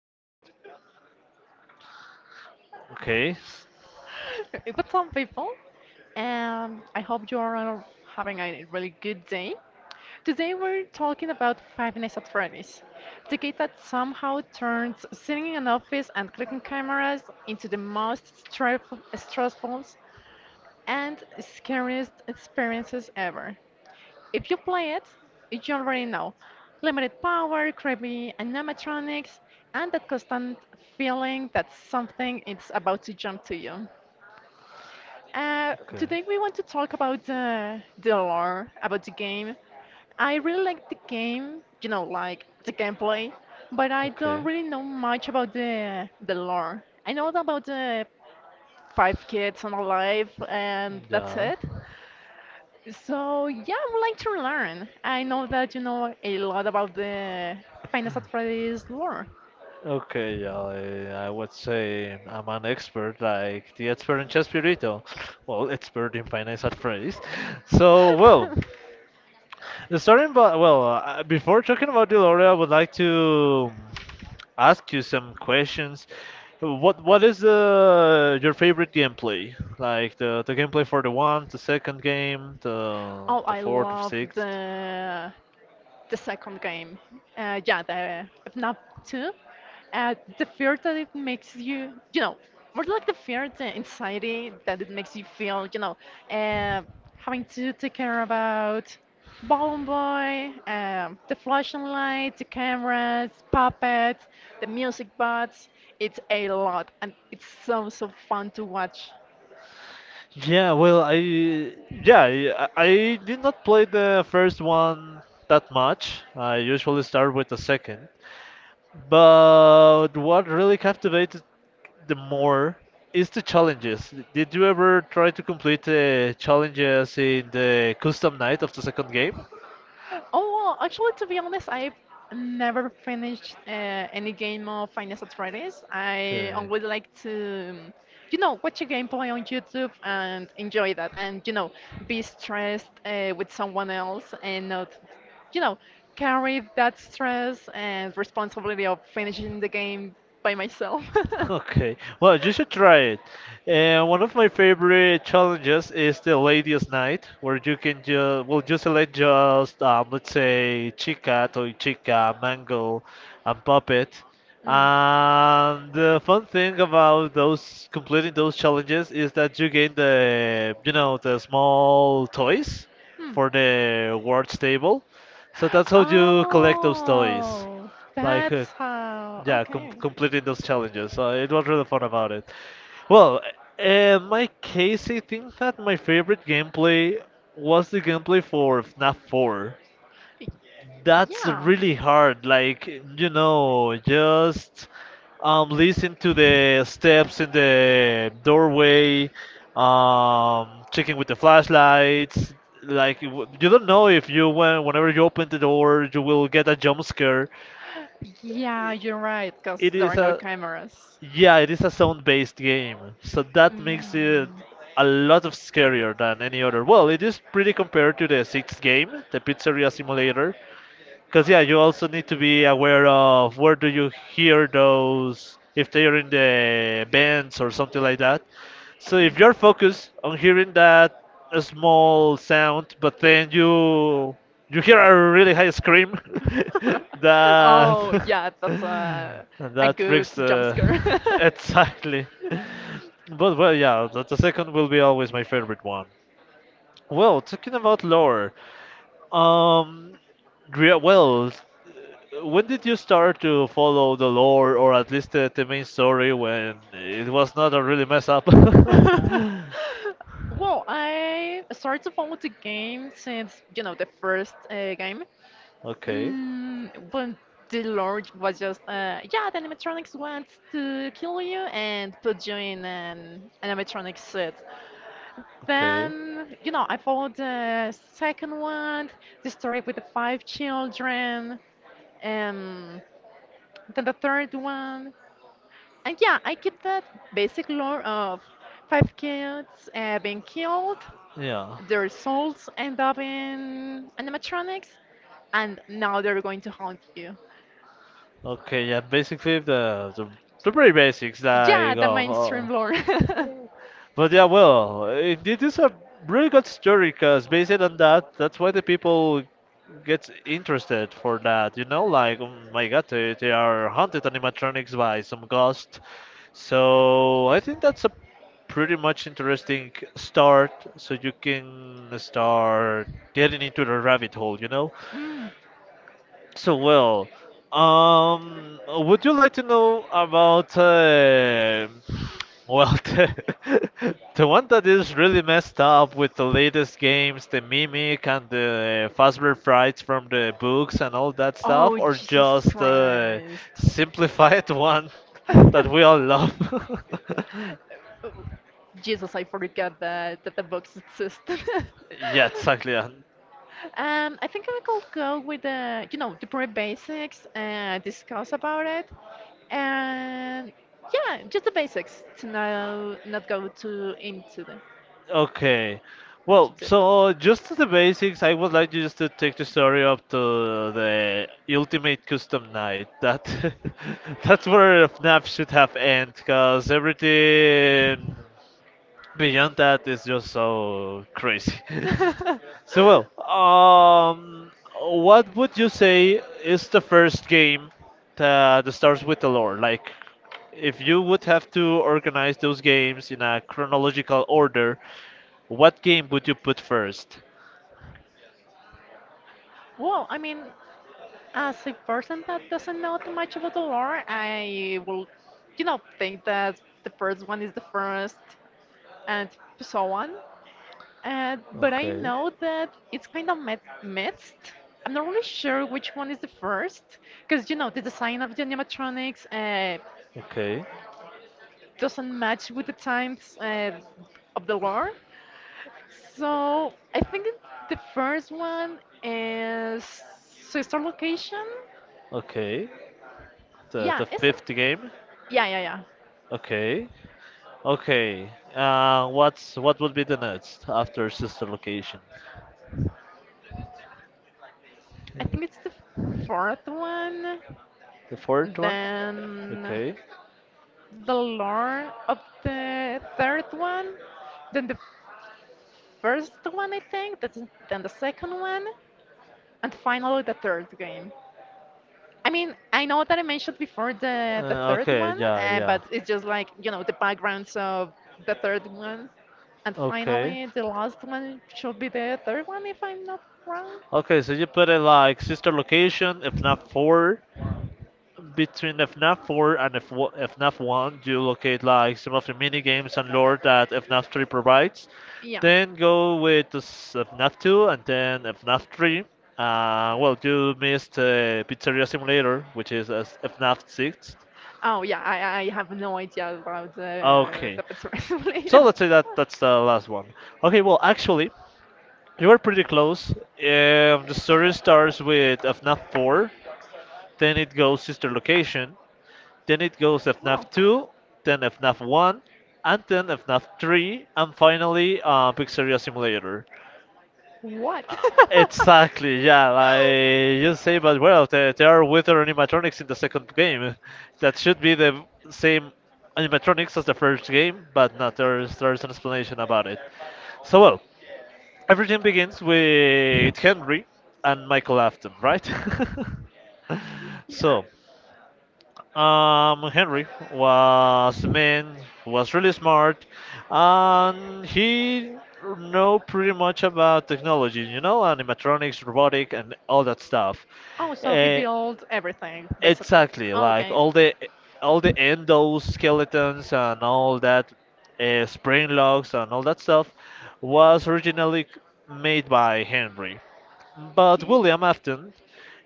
Or you mute? Okay. But some people, I hope you are having a really good day. Today we're talking about Five Nights at Freddy's, the game that somehow turns sitting in an office and clicking cameras into the most stressful and scariest experiences ever. If you play it, you already know. Limited power, creepy animatronics, and that constant feeling that something is about to jump to you. Uh, Okay. today we want to talk about the lore, about the game. I really like the game, you know, like the gameplay, but I don't Okay. really know much about the lore. I know about the five kids and a life, and that's Yeah. it. So yeah, I would like to learn. I know that you know a lot about the Final Fantasy Freddy's lore. Okay, yeah, I would say I'm an expert, like the expert in chess burrito. Well, expert in finance at phrase. So, well, Before talking about Deloria, I would like to ask you some questions. What is the your favorite gameplay? Like the gameplay for the one, the second game, the Oh, the I fourth, the love sixth. the second game. Yeah, the FNAF 2. The fear that it makes you, you know, more like the fear, the anxiety that it makes you feel, you know, uh, having to take care about Balloon Boy, the flashing lights, the cameras, puppets, the music bots. It's a lot, and it's so, so fun to watch. I did not play the first one that much. I usually start with the second. But what really captivated the more is the challenges. Did you ever try to complete the challenges in the custom night of the second game? Oh, well, actually, to be honest, I've never finished any game of Final Fantasy Fridays. I Okay. um, would like to, you know, watch a gameplay on YouTube and enjoy that, and you know, be stressed with someone else and not, you know, carry that stress and responsibility of finishing the game by myself. Okay, well, you should try it. And one of my favorite challenges is the Ladies' Night, where you can just you select just let's say chica, toy chica, mango, and puppet. And the fun thing about those completing those challenges is that you gain the the small toys Hmm. for the awards table. So that's how you collect those toys, Oh, like that's uh, how. Okay. completing those challenges. So it was really fun about it. Well, in my case, I think that my favorite gameplay was the gameplay for FNAF 4. Y- That's Yeah. really hard. Like, you know, just Listen to the steps in the doorway, checking with the flashlights. You don't know if whenever you open the door, you will get a jump scare. Yeah, you're right, because It there is are no a, cameras. yeah, it is a sound-based game, so that makes it Mm. a lot of scarier than any other. Well, it is pretty compared to the sixth game, the Pizzeria Simulator. Because yeah, you also need to be aware of where do you hear those if they are in the bands or something like that. So if you're focused on hearing that small sound, but then you hear a really high scream, Oh, that yeah, that's a that good freaks jump the scare. exactly. But well, yeah, the second will be always my favorite one. Well, talking about lore. Um, Drea, when did you start to follow the lore or at least the main story when it was not a really mess up? Well, I started to follow the game since, you know, the first game. Okay, Mm, but the Lord was just, yeah, the animatronics wants to kill you and put you in an animatronic suit. okay. Then, you know, I followed the second one, the story with the five children, um, then the third one. And yeah, I keep that basic lore of five kids being killed, Yeah. their souls end up in animatronics, and now they're going to haunt you. Okay, yeah, Basically the very basics Yeah, like the of. Mainstream lore. But yeah, well, it is a really good story because based on that, that's why the people get interested for that. You know, like oh my God, they are haunted animatronics by some ghost. So I think that's a pretty much interesting start. So you can start getting into the rabbit hole. So well, would you like to Mm. know about the one that is really messed up with the latest games, the Mimic and the Fazbear Frights from the books and all that stuff, Oh, or Jesus just the Christ. simplified one that we all love? Jesus, I forgot that the box existed. Yeah, exactly. Yeah. I think I could go with the, you know, the very basics and discuss about it. And yeah, just the basics to now not go too into them. Okay. Well, That's it. so just to the basics, I would like you just to take the story up to the Ultimate Custom Night. That that's where FNAF should have end, cause everything beyond that, it's just so crazy. so well, um, what would you say is the first game that starts with the lore? Like, if you would have to organize those games in a chronological order, what game would you put first? I mean, as a person that doesn't know too much about the lore, I will, you know, think that the first one is the first and so on. But I Okay, know that it's kind of mixed. I'm not really sure which one is the first, because, you know, the design of the animatronics okay, doesn't match with the times of the lore. So the first one is Sister Location. okay. The Yeah, the it's. fifth game. Yeah, yeah, yeah. Okay, okay. What's what would be the next after sister location? I think it's the fourth one. The fourth one. Then Okay. the lore of the third one. Then the first one, I think. Then the second one. And finally, the third game. I mean, I know that I mentioned before the Uh, third okay. one, Yeah. Yeah. but it's just like, you know, the backgrounds of the third one. And Okay. finally, the last one should be the third one, if I'm not wrong. Okay. So you put it like sister location, if not four, between if not four and if one, you locate like some of the mini games and lore that if three provides. Yeah. Then go with the FNAF two and then if three. You missed Pizzeria Simulator, which is as if six. Oh yeah, I have no idea about Okay. the pizza So later. let's say that that's the last one. Okay. Well, actually. You were pretty close. The story starts with FNAF 4, then it goes sister location, then it goes Wow. FNAF 2, then FNAF 1, and then FNAF 3, and finally Pizzeria Simulator. What? Uh, exactly, yeah, like you say, but well, there are wither animatronics in the second game. That should be the same animatronics as the first game, but not there's an explanation about it. So well, everything begins with Henry and Michael Afton, right? Yeah. so, Henry was a man who was really smart, and he know pretty much about technology, you know, animatronics, robotic, and all that stuff. Oh, so he Uh, built everything. exactly, like all the endoskeletons and all that spring locks and all that stuff was originally made by Henry. But Okay. William Afton,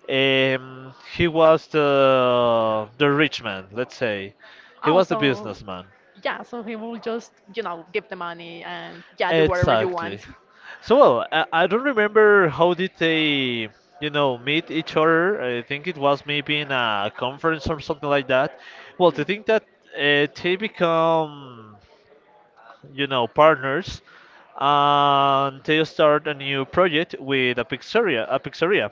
he was the rich man, let's say. He Oh, was the so businessman. yeah, so he will just, you know, give the money and yeah, do whatever you Exactly. want. So well, I don't remember how did they, you know, meet each other. I think it was maybe in a conference or something like that. Well, to think that they become, you know, partners, and they start a new project with a pizzeria, a pizzeria.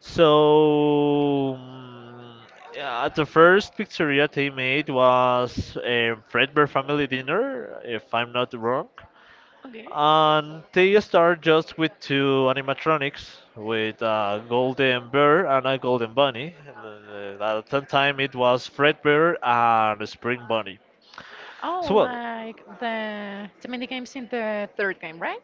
So mm, yeah, the first pizzeria they made was a Fredbear family dinner, if I'm not wrong. Okay. And they start just with two animatronics, with a golden bear and a golden bunny. At that time, it was Fredbear and Spring Bunny. So Oh, well, like the mini games in the third game, right?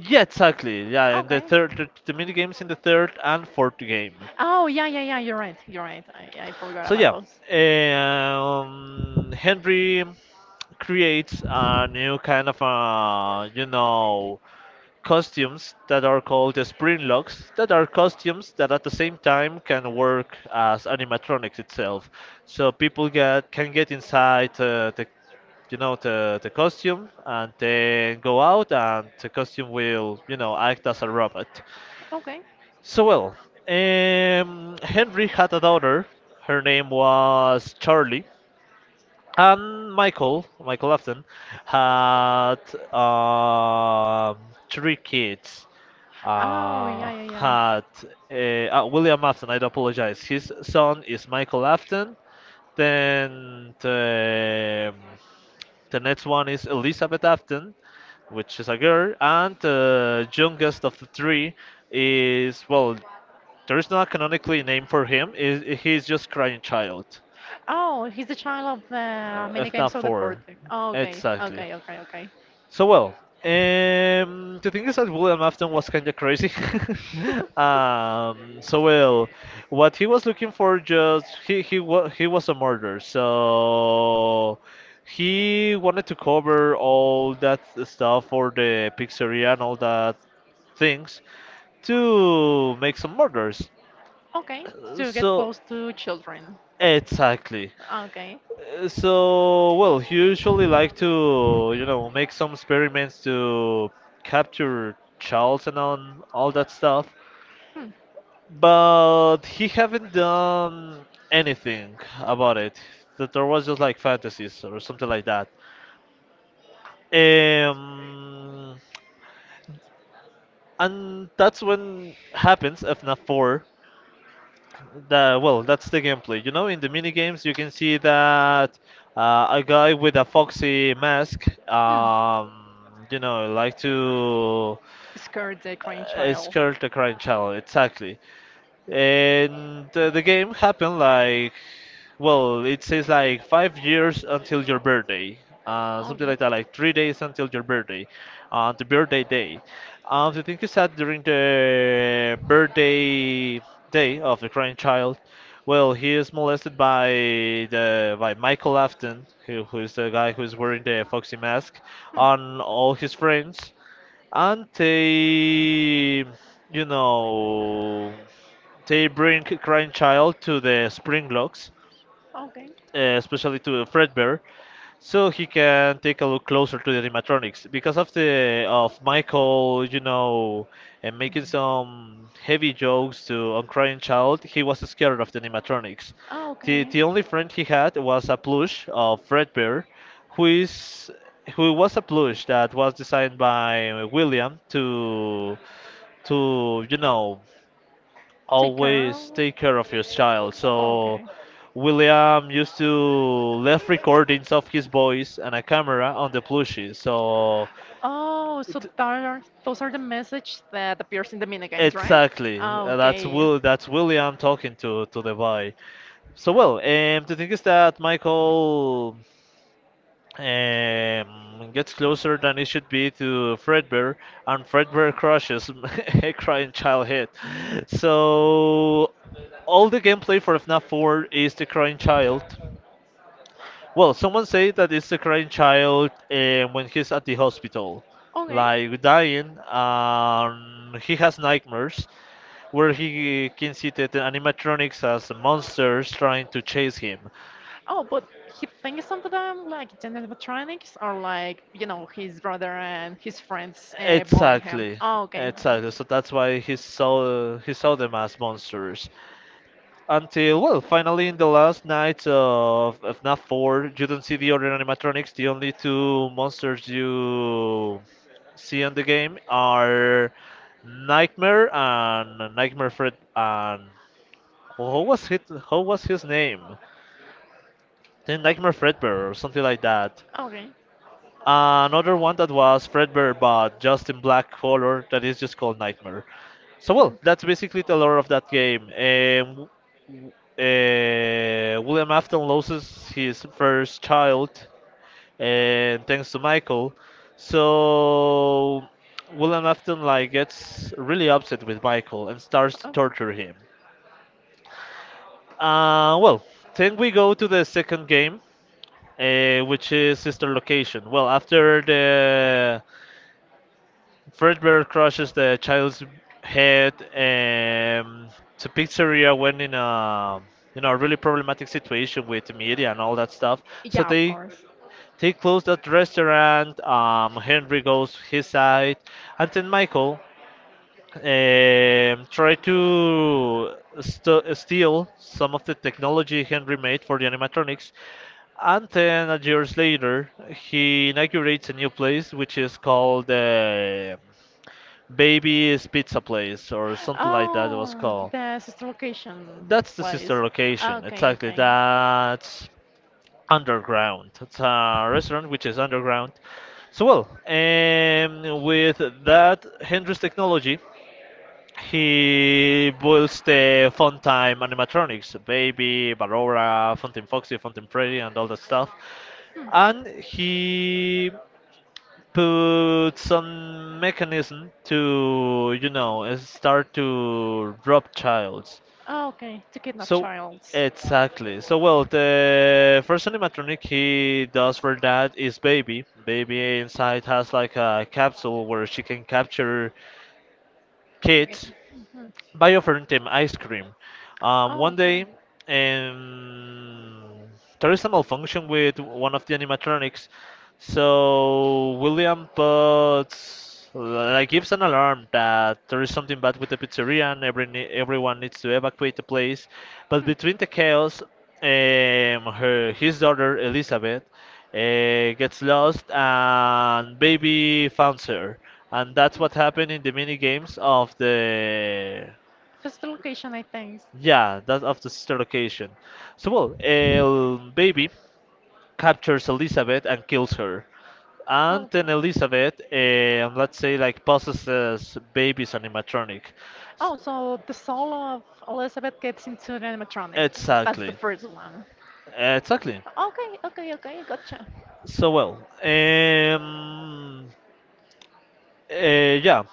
yeah, exactly. Yeah, in the Okay. third, the mini games in the third and fourth game. Oh, yeah, yeah, yeah. You're right. You're right. I forgot So about yeah, those. Henry creates a new kind of costumes that are called the spring locks that are costumes that at the same time can work as animatronics itself so people get can get inside the the costume and then go out and the costume will you know act as a robot Okay. so well, Henry had a daughter. Her name was Charlie, and Michael Afton, had um three kids. Oh, yeah, yeah, yeah. Had William Afton. I do apologize. His son is Michael Afton. Then the next one is Elizabeth Afton, which is a girl, and the youngest of the three is well, there is not canonically a name for him. Is he's just crying child, Oh, he's the child of the mini if not games of the fourth. for Okay, exactly. okay, okay, okay. So well, the thing is that William Afton was kind of crazy. um, so well, what he was looking for just he was he was a murderer, so he wanted to cover all that stuff for the pizzeria and all that things to make some murders. Okay, to get So close to children. exactly. Okay. Well, you usually like to, you know, make some experiments to capture Charles and on all that stuff, Hmm. but he haven't done anything about it. That there was just like fantasies or something like that. Um, and that's when happens FNAF 4. The, well, that's the gameplay. You know, in the mini games, you can see that a guy with a foxy mask, Hmm. You know, like to Scared the grandchild. skirt a crying child. Exactly. And the game happened like well it says like 5 years until your birthday, something Okay. like that, like 3 days until your birthday. On the birthday day, the thing is that during the birthday day of the crying child, well, he is molested by the by michael afton who is the guy who's wearing the foxy mask Hmm. on all his friends, and they, you know, they bring Crying Child to the Springlocks, Okay. Especially to Fredbear, so he can take a look closer to the animatronics. Because of the of Michael, you know, and making some heavy jokes to on Crying Child, he was scared of the animatronics. Oh, The okay. the only friend he had was a plush of Fredbear, who is who was a plush that was designed by William to to you know Take care always of it. take care of your child. So Okay. William used to left recordings of his voice and a camera on the plushie. So Oh, so t- that are, those are the messages that appears in the minigames, right? exactly. Uh, that's Okay. Will. That's William talking to the boy. So well, the thing is that Michael gets closer than it should be to Fredbear, and Fredbear crushes a crying child hit. So, all the gameplay for FNAF 4 is the crying child. Well, someone say that it's the crying child when he's at the hospital, like dying, and he has nightmares where he can see the animatronics as monsters trying to chase him. Oh, but he thinks of them like the animatronics or like, you know, his brother and his friends bullying exactly him. Exactly, Oh, okay. exactly. So that's why he saw them as monsters. Until well, finally in the last night of FNAF 4, you don't see the other animatronics. The only two monsters you see in the game are Nightmare and Nightmare Fred. And who was his how was his name? The Nightmare Fredbear or something like that. Okay. Another one that was Fredbear but just in black color that is just called Nightmare. So Mm. well, that's basically the lore of that game. W- William Afton loses his first child, and thanks to Michael, so William Afton like gets really upset with Michael and starts to Oh. torture him. Uh, well, then we go to the second game, which is Sister Location. Well, after the Fredbear crushes the child's head to Pizzeria when in a really problematic situation with the media and all that stuff. So Yeah, of they course. they close that restaurant. Henry goes his side, and then Michael try to steal some of the technology Henry made for the animatronics. And then, years later, he inaugurates a new place which is called Baby's Pizza Place or something like that it was Oh, called. the sister location That's the sister place. Ah, location. okay, Exactly. okay. That's underground. It's a restaurant which is underground. So well, with that Hendrix technology, he builds the Funtime animatronics, Baby, Barora, Fountain Foxy, Fountain Freddy, and all that stuff. Hmm. And he put some mechanism to start to drop childs Oh, okay, to kidnap so childs. exactly so well Okay. the first animatronic he does for that is baby baby inside has like a capsule where she can capture kids Mhm. by offering them ice cream. Oh, One okay. day, um, there is a malfunction with one of the animatronics, so William puts like gives an alarm that there is something bad with the pizzeria and everyone needs to evacuate the place. But between the chaos, her his daughter Elizabeth uh, gets lost and baby finds her and that's what happened in the mini games of the Just the location, I think. yeah, that's of the sister location. So, well, El Baby captures Elizabeth and kills her. Oh, And okay. then Elizabeth, let's say, like possesses babies animatronic. S- Oh, so the soul of Elizabeth gets into an animatronic. That's the Exactly. first one. Exactly. Okay, okay, okay, gotcha. So, well, uh, yeah.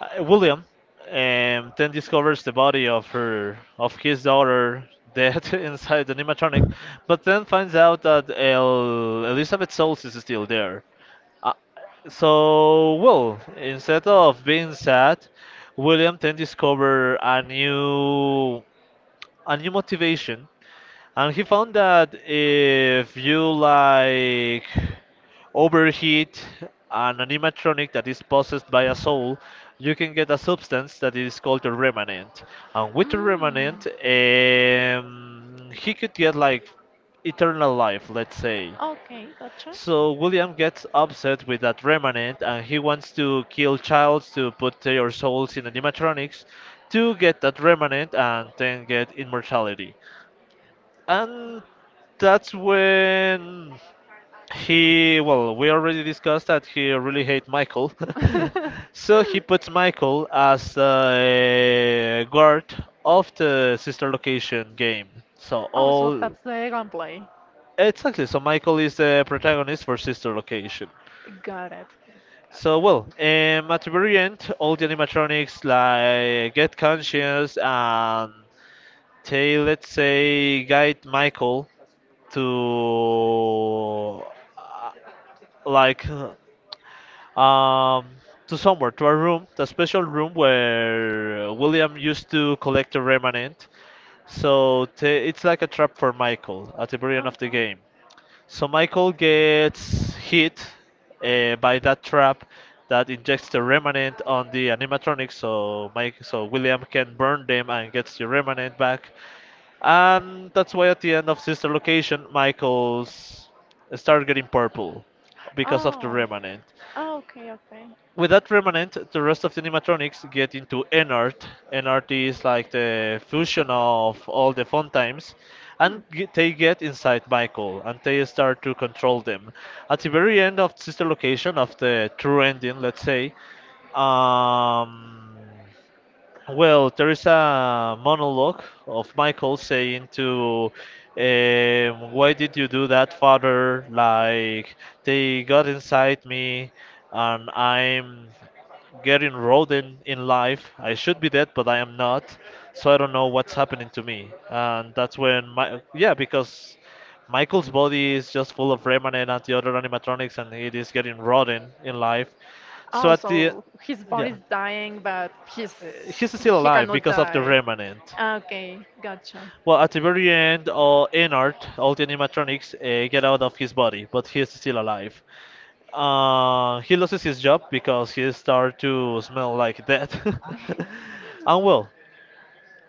William then discovers the body of her of his daughter dead inside the animatronic, but then finds out that Elizabeth Souls is still there. Uh, so, well, instead of being sad, William then discover a new motivation and he found that if you like overheat an animatronic that is possessed by a soul, you can get a substance that is called a remnant. And with the Mm. remnant, he could get like eternal life, let's say. Okay, gotcha. So William gets upset with that remnant and he wants to kill Childs to put their souls in animatronics to get that remnant and then get immortality. And that's when he, well, we already discussed that he really hates Michael. So he puts Michael as a guard of the sister location game. So oh, so all that's the gunplay. exactly, so Michael is the protagonist for sister location. Got it. Got it. So well, Okay. At the very end, all the animatronics like get conscious and they let's say guide Michael to uh, like um, to somewhere, to a room, the special room where William used to collect the remnant. So it's like a trap for Michael at the very end Oh, of the cool. game. So Michael gets hit by that trap that injects the remnant on the animatronics, so William can burn them and gets the remnant back. And that's why at the end of Sister Location, Michael's start getting purple because of the remnant Oh, okay, okay. with that remnant, the rest of the animatronics get into NART. NRT is like the fusion of all the fun times, Hmm. and they get inside Michael and they start to control them. At the very end of sister location of the true ending, let's say, um, well, there is a monologue of Michael saying "Why did you do that, father? Like they got inside me, and I'm getting rodent in life. I should be dead, but I am not. So I don't know what's happening to me." And that's when my yeah, because Michael's body is just full of remnant and the other animatronics, and it is getting rotten in life. So Oh, at the so his yeah body's dying, but he's he's still he alive cannot because of the die. remnant. Okay, gotcha. Well, at the very end, all Ennard, all the animatronics, get out of his body, but he's still alive. He loses his job because he starts to smell like death. And well,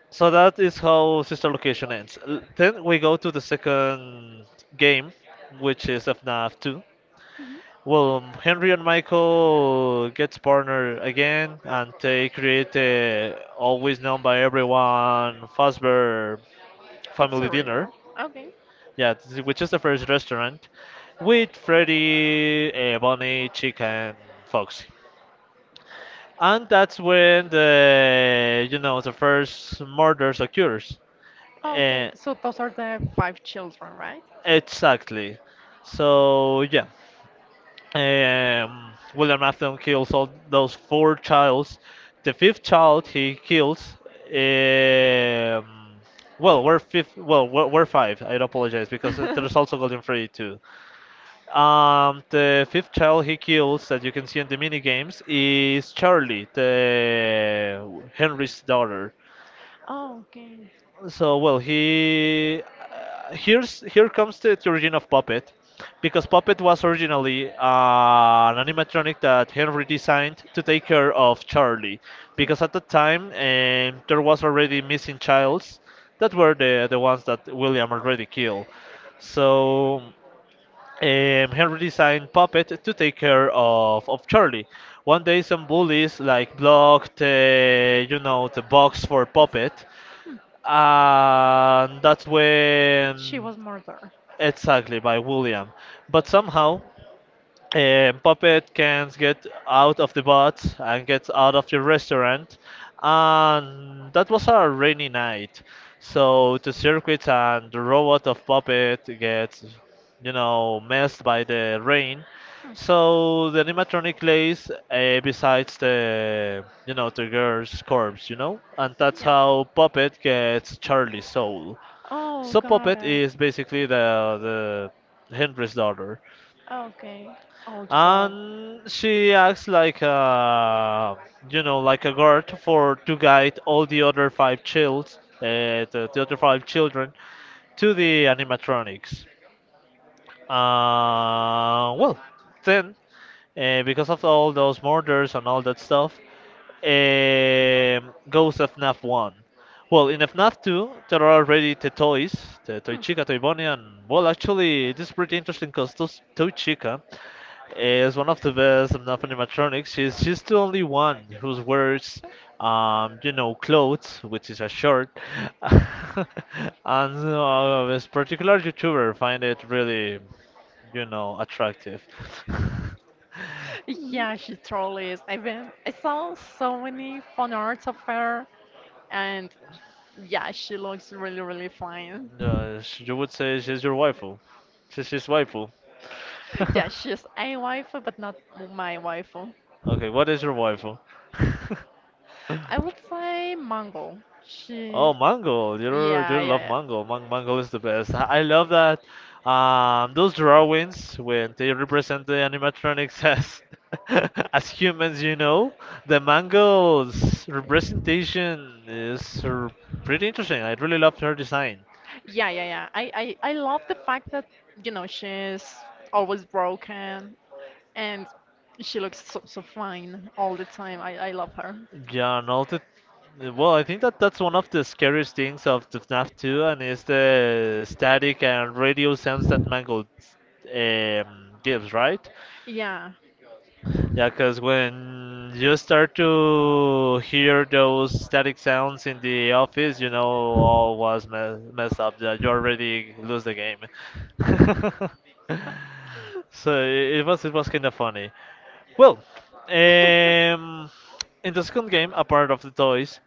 so that is how Sister Location ends. Then we go to the second game, which is FNAF 2. Mhm. Well, Henry and Michael gets partnered again, and they create the always known by everyone Fazbear Family Dinner. Pizzeria. Okay. Yeah, which is the first restaurant with Freddy, Bonnie, Chick, and Foxy. And that's when the you know the first murders occurs. Oh, okay. Uh, So those are the five children, right? exactly. So yeah, William Afton kills all those four childs. The fifth child he kills. Um, well, we're fifth. Well, we're five. I apologize because there's also Golden Freddy too. The fifth child he kills that you can see in the mini games is Charlie, the Henry's daughter. Oh, okay. So well, he here's here comes the origin of Puppet, because Puppet was originally an animatronic that Henry designed to take care of Charlie, because at the time there was already missing childs that were the ones that William already killed. So Henry designed Puppet to take care of Charlie. One day, some bullies like blocked, the box for Puppet, So Hmm. and that's She when was murdered. exactly by William. But somehow puppet can get out of the boat and get out of the restaurant and that was a rainy night so the circuit and the robot of puppet gets messed by the rain so the animatronic lays besides the girl's corpse and that's how puppet gets charlie's soul Oh, so puppet is basically the henry's daughter okay. Oh, and she acts like a like a guard for to guide all the other five childs the other five children to the animatronics well then because of all those murders and all that stuff, goes to FNAF 1. Well, in FNAF 2, there are already the toys, the Toy Chica, Toy Bonnie, and well, actually, this is pretty interesting because Toy Chica is one of the best FNAF animatronics. She's the only one who wears, clothes, which is a shirt. And this particular YouTuber find it really attractive. yeah, she totally is. I saw so many fun arts of her, and yeah, she looks really, really fine. Yeah, you would say she's your waifu. She's his waifu. Yeah, she's a waifu, but not my waifu. Okay, what is your waifu? I would say Mango. Oh, mango! Yeah, You love yeah, mango. Mango is the best. I love that. Those drawings when they represent the animatronics as as humans, you know, the mango's representation is pretty interesting. I really love her design. yeah, yeah, yeah, yeah. I love the fact that you know she's always broken and she looks so, so fine all the time. I love her. Yeah, and all the well, I think that that's one of the scariest things of the FNAF 2, and is the static and radio sounds that Mangle gives, right? Yeah. Yeah, because when you start to hear those static sounds in the office, you know all was me messed up. That you already lose the game. So it was it was kind of funny. Well, um, in the second game, apart of the toys.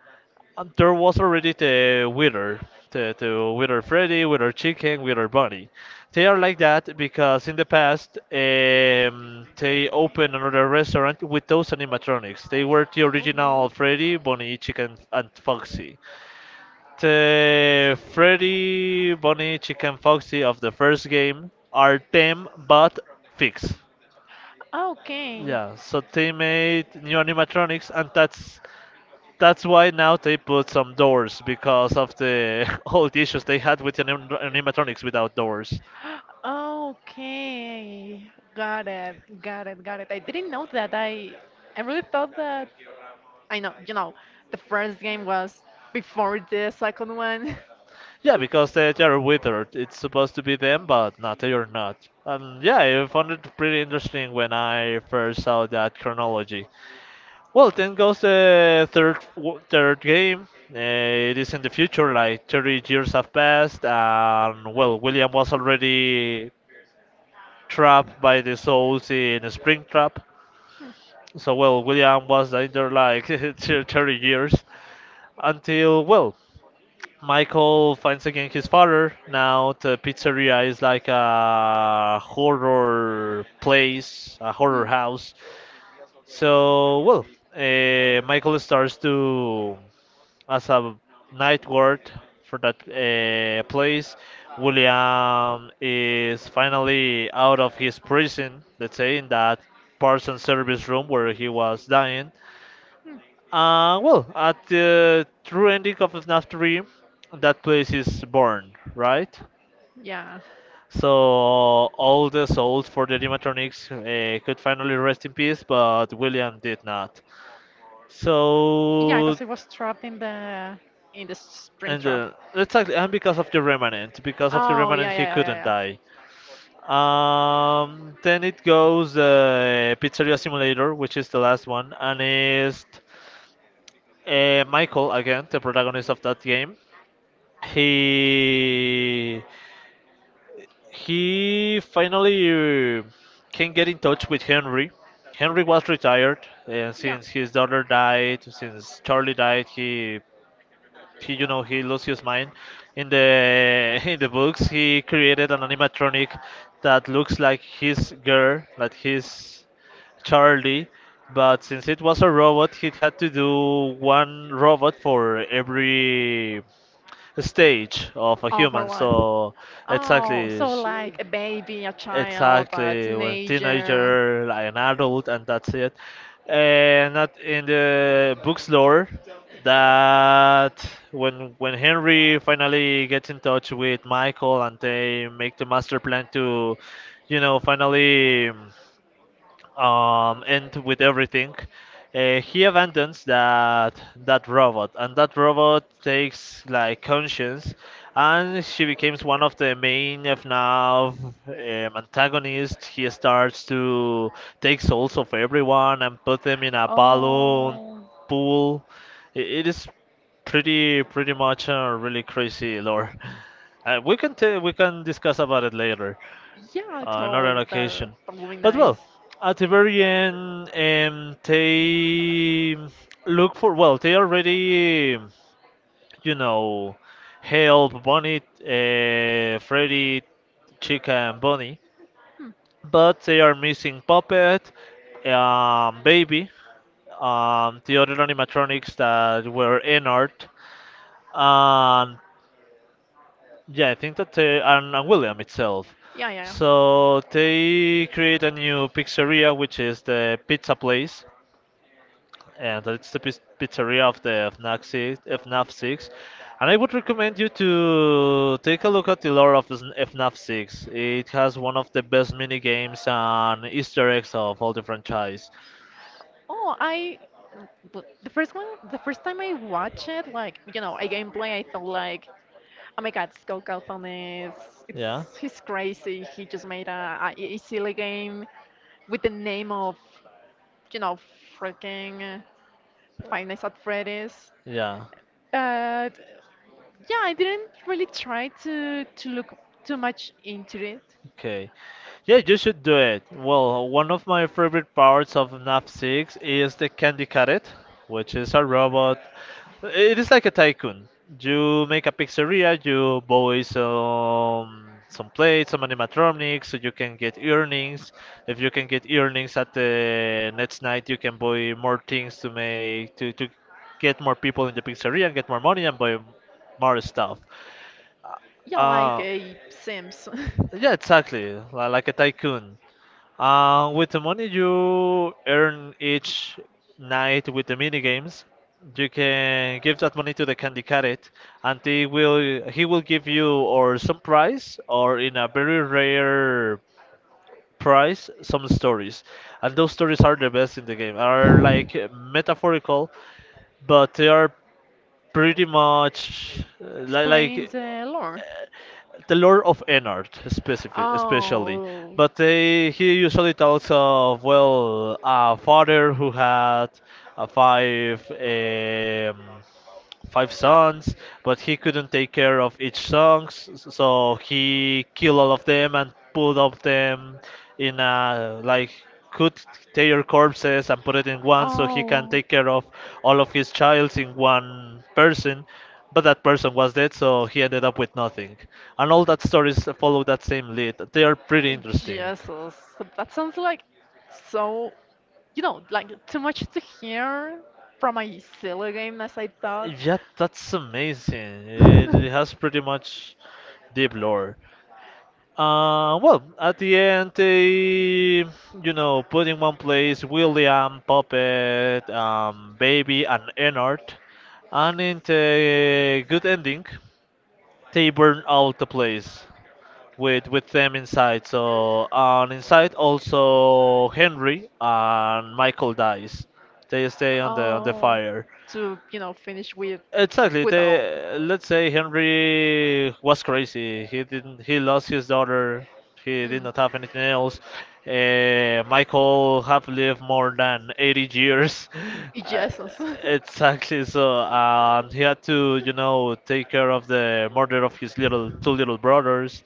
And there was already the Wither, the Wither Freddy, Wither Chicken, Wither Bunny. They are like that because in the past they opened another restaurant with those animatronics. They were the Mhm. original Freddy, Bunny, Chicken, and Foxy. The Freddy, Bunny, Chicken, Foxy of the first game are them but fixed. Okay. Yeah, so they made new animatronics, and that's why now they put some doors because of the old issues they had with animatronics without doors. Okay, got it, got it, got it. I didn't know that. I really thought that I know, you know, the first game was before the second one. Yeah, because they are withered. It's supposed to be them, but not they are not. And yeah, I found it pretty interesting when I first saw that chronology. Well, then goes the third game. It is in the future, like 30 years have passed, and well, William was already trapped by the souls in a spring trap. So, well, William was there like 30 years until, well, Michael finds again his father. Now the pizzeria is like a horror place, a Hmm. horror house. So, well, Michael starts as a night guard for that place, William is finally out of his prison, let's say, in that parson service room where he was dying. Hmm, hmm. Well, at the true ending of FNAF 3, that place is born, right? Yeah, So all the souls for the animatronics could finally rest in peace, but William did not. yeah, So, because it was trapped in the spring and trap. Exactly, and because of the remnant, Oh yeah, he yeah, couldn't yeah, die. Then it goes Pizzeria Simulator, which is the last one, and is Michael again, the protagonist of that game. he he finally uh, yeah, can get in touch with yeah. Henry. Henry was retired, and Yeah. since his daughter died, since Charlie died, he you know he lost his mind. In the in the books, he created an animatronic that looks like his girl, like his Charlie. But since it was a robot, he had to do one robot for every stage of a Of her human. life. So Oh, exactly, so like a baby, a child, a exactly when teenager. teenager, like an adult, and that's it. And not in the book's lore that when Henry finally gets in touch with Michael and they make the master plan to, finally end with everything, he abandons that robot, and that robot takes like conscience, and she becomes one of the main, if not antagonists. He starts to take souls of everyone and put them in a balloon Oh, pool. It is pretty much a really crazy lore. We can we can discuss about it later yeah, another totally. Occasion. That would be But nice. well, at the very end, they look for. Well, they already, you know, help Bonnie, Freddy, Chica, and Bonnie, Hmm. but they are missing Puppet, Baby, the other animatronics that were in art, and yeah, I think that and William itself. Yeah, yeah, yeah. So they create a new pizzeria, which is the pizza Movies. place, and it's the pizzeria of the FNAF 6, FNAF 6. And I would recommend you to take a look at the lore of FNAF 6. It has one of the best mini games and Easter eggs of all the franchise. Oh, I. But the first one, the first time I watched it, like you know, a gameplay, I thought like, oh my God, Scott Calton is, Yeah, it's he's crazy. He just made a silly game with the name of, you know, freaking Five Nights at Freddy's. yeah, But yeah, I didn't really try to look too much into it. okay. Yeah, you should do it. Well, one of my favorite parts of FNAF 6 is the Candy Carrot, which is a robot. It is like a tycoon. You make a pizzeria, you buy some plates, some animatronics, so you can get earnings. If you can get earnings at the next night, you can buy more things to make to get more people in the pizzeria and get more money and buy more stuff. Yeah, like Uh, a Sims. yeah, exactly. Like a tycoon. With the money you earn each night with the mini games, you can give that money to the candy carrot, and they will he will give you or some prize or in a very rare prize some stories, and those stories are the best in the game. Are like metaphorical, but they are pretty much like The lore. the Lord of Ennard, specific, especially. Oh, But they, he usually talks of, well, a father who had five five sons, but he couldn't take care of each songs, so he killed all of them and put of them in a like could tear corpses and put it in one so he can oh. take care of all of his childs in one person. But that person was dead, so he ended up with nothing. And all that stories follow that same lead. They are pretty interesting. Jesus, that sounds like so, you know, like too much to hear from a silly game as I thought. Yeah, that's amazing. It has pretty much deep lore. Well, at the end, they, put in one place William, Puppet, Baby, and Ennard. And in the good ending, they burn out the place with them inside. So, and inside also Henry and Michael dies. They stay on the Oh, fire. to, you know, finish with Exactly. without. They let's say Henry was crazy. He didn't. He lost his daughter. He did not have anything else. Michael have lived more than 80 years. Mm. Uh, Jesus. exactly. So he had to, take care of the murder of his little two little brothers.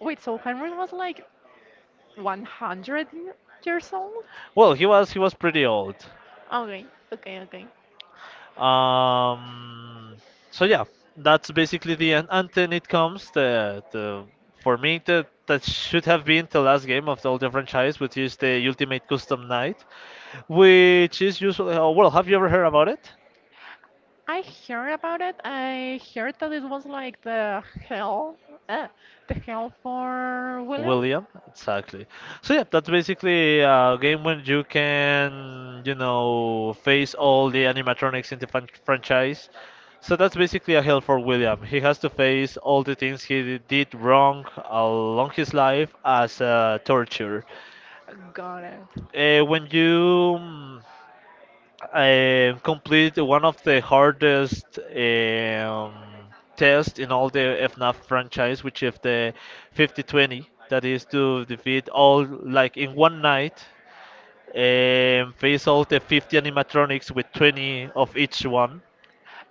Wait, so Henry was like 100 years old? Well, he was pretty old. Okay, okay, okay. Um, so yeah, that's basically the end. And then it comes the for me that that should have been the last game of the older franchise, which is the Ultimate Custom Night, which is usually oh, well. Have you ever heard about it? I heard about it. I heard that it was like uh, the hell for William. William, exactly. So yeah, that's basically a game when you can, face all the animatronics in the franchise. So that's basically a hell for William. He has to face all the things he did wrong along his life as torture. Got it. Uh, when you mm, I complete one of the hardest tests in all the FNAF franchise, which is the 50-20. That is to defeat all, like in one night, face all the 50 animatronics with 20 of each one.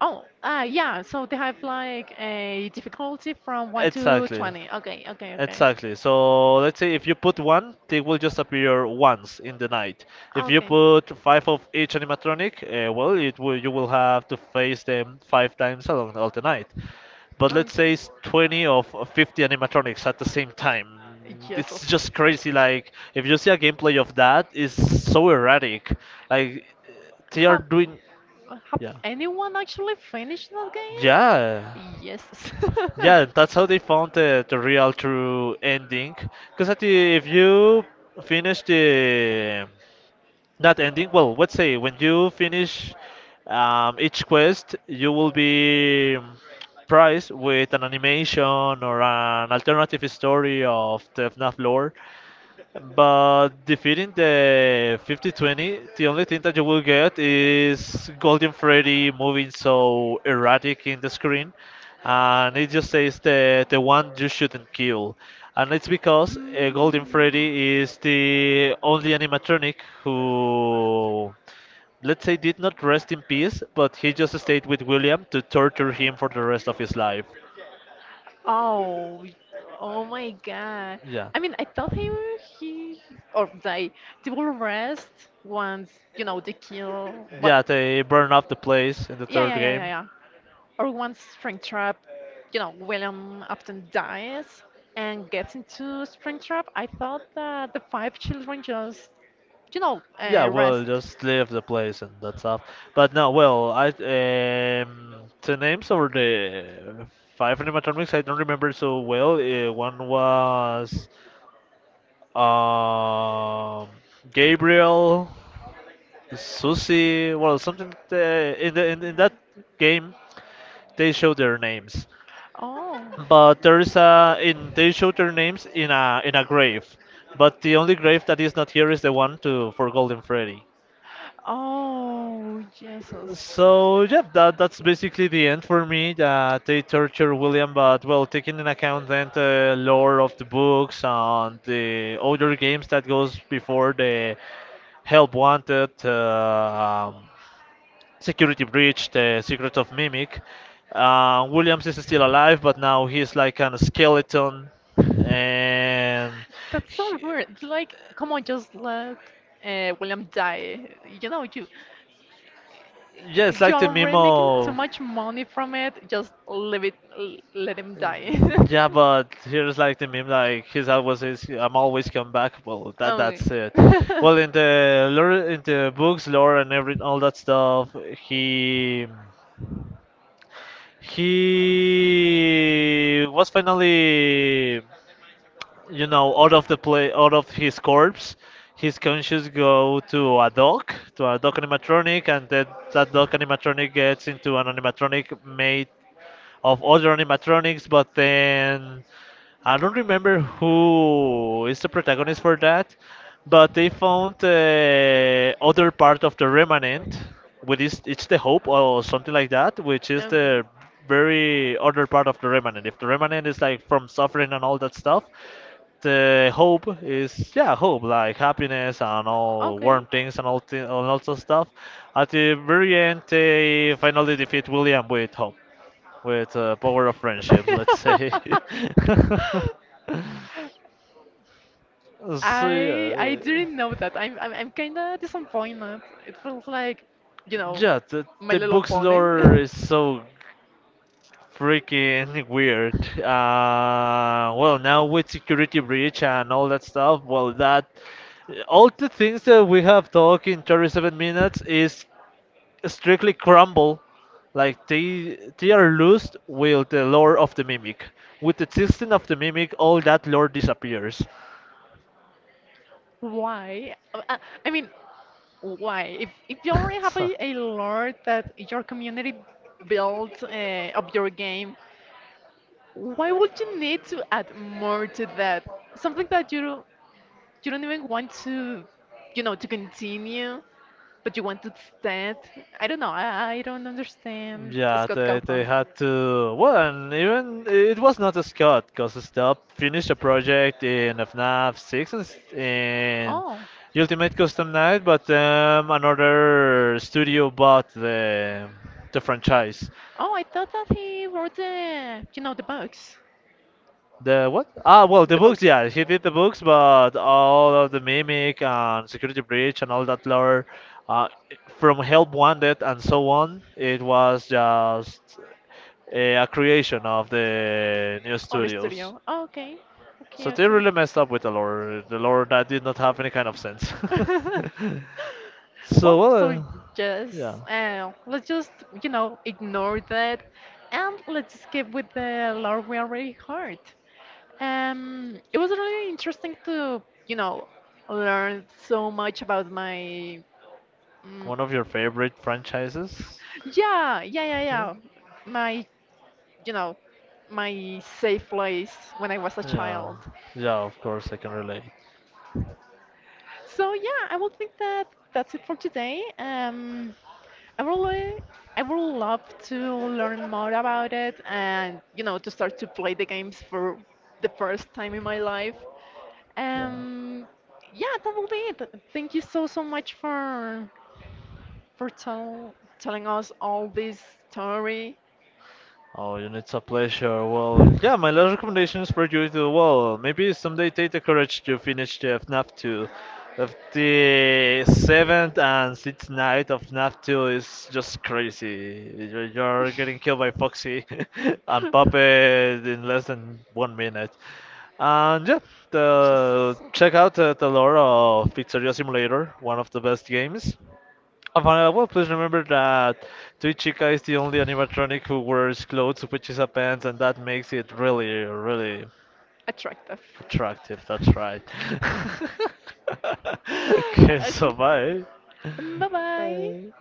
Oh, yeah. So they have like a difficulty from 1 to Exactly. 20. Okay, okay, okay. Exactly. So let's say if you put one, they will just appear once in the night. If you Okay. put five of each animatronic, well, it will you will have to face them five times along all the night. But Oh. let's say it's 20 of 50 animatronics at the same time. It's Jesus. just crazy. Like if you see a gameplay of that, it's so erratic. Like they are Have, doing, have yeah, anyone actually finished that yeah. game? Yes. Yeah, that's how they found the real true ending. Because if you finish the that ending, well, let's say when you finish each quest, you will be prized with an animation or an alternative story of the FNAF lore. But defeating the 50-20, the only thing that you will get is Golden Freddy moving so erratic in the screen, and it just says the one you shouldn't kill, and it's because mm. Golden Freddy is the only animatronic who, let's say, did not rest in peace, but he just stayed with William to torture him for the rest of his life. Oh, oh my God. Yeah, I mean, I thought he or they will rest once you know they kill. What? yeah, they burn up the place in the Yeah, third yeah, yeah, yeah, game. yeah. Or one Springtrap, you know, William Upton dies and gets into Springtrap. I thought that the five children just, you know, Yeah, well, rest. just leave the place and that's up. But no, well, I the names over the five animatronics I don't remember so well. One was um Gabriel, Susie. Well, something in the in that game they show their names, Oh, but there's a in they show their names in a grave. But the only grave that is not here is the one to for Golden Freddy. oh, Jesus. So yeah, that that's basically the end for me. That they torture William, but well, taking in account then the lore of the books and the older games that goes before the Help Wanted, Security Breach, the Secret of Mimic. Williams is still alive, but now he's like a skeleton, and That's so he- weird. Like, come on, just let William die. You know, you yeah, it's you're like the meme already making too of much money from it. Just leave it, let him die. yeah, but here's like the meme, like he's always is I'm always come back. Well, that Okay. that's it. Well, in the lore, in the books, lore, and every all that stuff, he was finally, out of the play, out of his corpse. His conscious go to a dog animatronic, and then that dog animatronic gets into an animatronic made of other animatronics, but then I don't remember who is the protagonist for that, but they found other part of the remnant, which is it's the hope or something like that, which is the very other part of the remnant. If the remnant is like from suffering and all that stuff, the hope is yeah hope like happiness and all Okay. warm things and all and lots of stuff. At the very end, they finally defeat William with hope with power of friendship, Okay. let's say. So I yeah, didn't know that. I'm kind of disappointed. It feels like, you know, yeah, My the Little book's Pony. lore is so freaking weird. Well, now with security breach and all that stuff, well, that all the things that we have talked in 37 minutes is strictly crumble. Like they are lost with the lore of the mimic. With the existence of the mimic, all that lore disappears. Why? I mean, why? If you already have So- a lore that your community built up your game, why would you need to add more to that? Something that you don't even want to, you know, to continue, but you want to stand. I don't know. I don't understand Yeah, Scott they Calhoun. had to. Well, and even it was not a Scott because Stop finished a project in FNAF 6 and in Oh, Ultimate Custom Night, but another studio bought the franchise. oh, I thought that he wrote the, you know, the books. The what? Ah, well, the The books, yeah, he did the books, but all of the Mimic and Security Breach and all that lore, uh, from Help Wanted and so on, it books. was just a creation of the new Or a studios. studio. Oh, okay. So Okay, they okay. really messed up with the lore. The lore that did not have any kind of sense. So, Well, well, so yeah, just let's just you know ignore that, and let's skip with the lore we already heard. It was really interesting to you know learn so much about my mm, one of your favorite franchises? yeah yeah yeah Yeah, yeah my you know my safe place when I was a yeah, child. yeah. Of course, I can relate. So yeah, I will think that that's it for today. I really, I would love to learn more about it and you know to start to play the games for the first time in my life. Yeah. Um, yeah, that will be it. Thank you so so much for telling us all this story. Oh, and it's a pleasure. Well, yeah, my last recommendation is for you to, well, maybe someday take the courage to finish the FNAF 2. Of the seventh and sixth night of FNAF 2 is just crazy. You're getting killed by Foxy and Puppet in less than 1 minute. And yeah, Just. the, check out the lore of Pizzeria Simulator, one of the best games. And Vanilla, well, please remember that Tui Chica is the only animatronic who wears clothes, which is a pants, and that makes it really, really Attractive. attractive. That's right. Okay, so Okay. bye. Bye bye. Bye.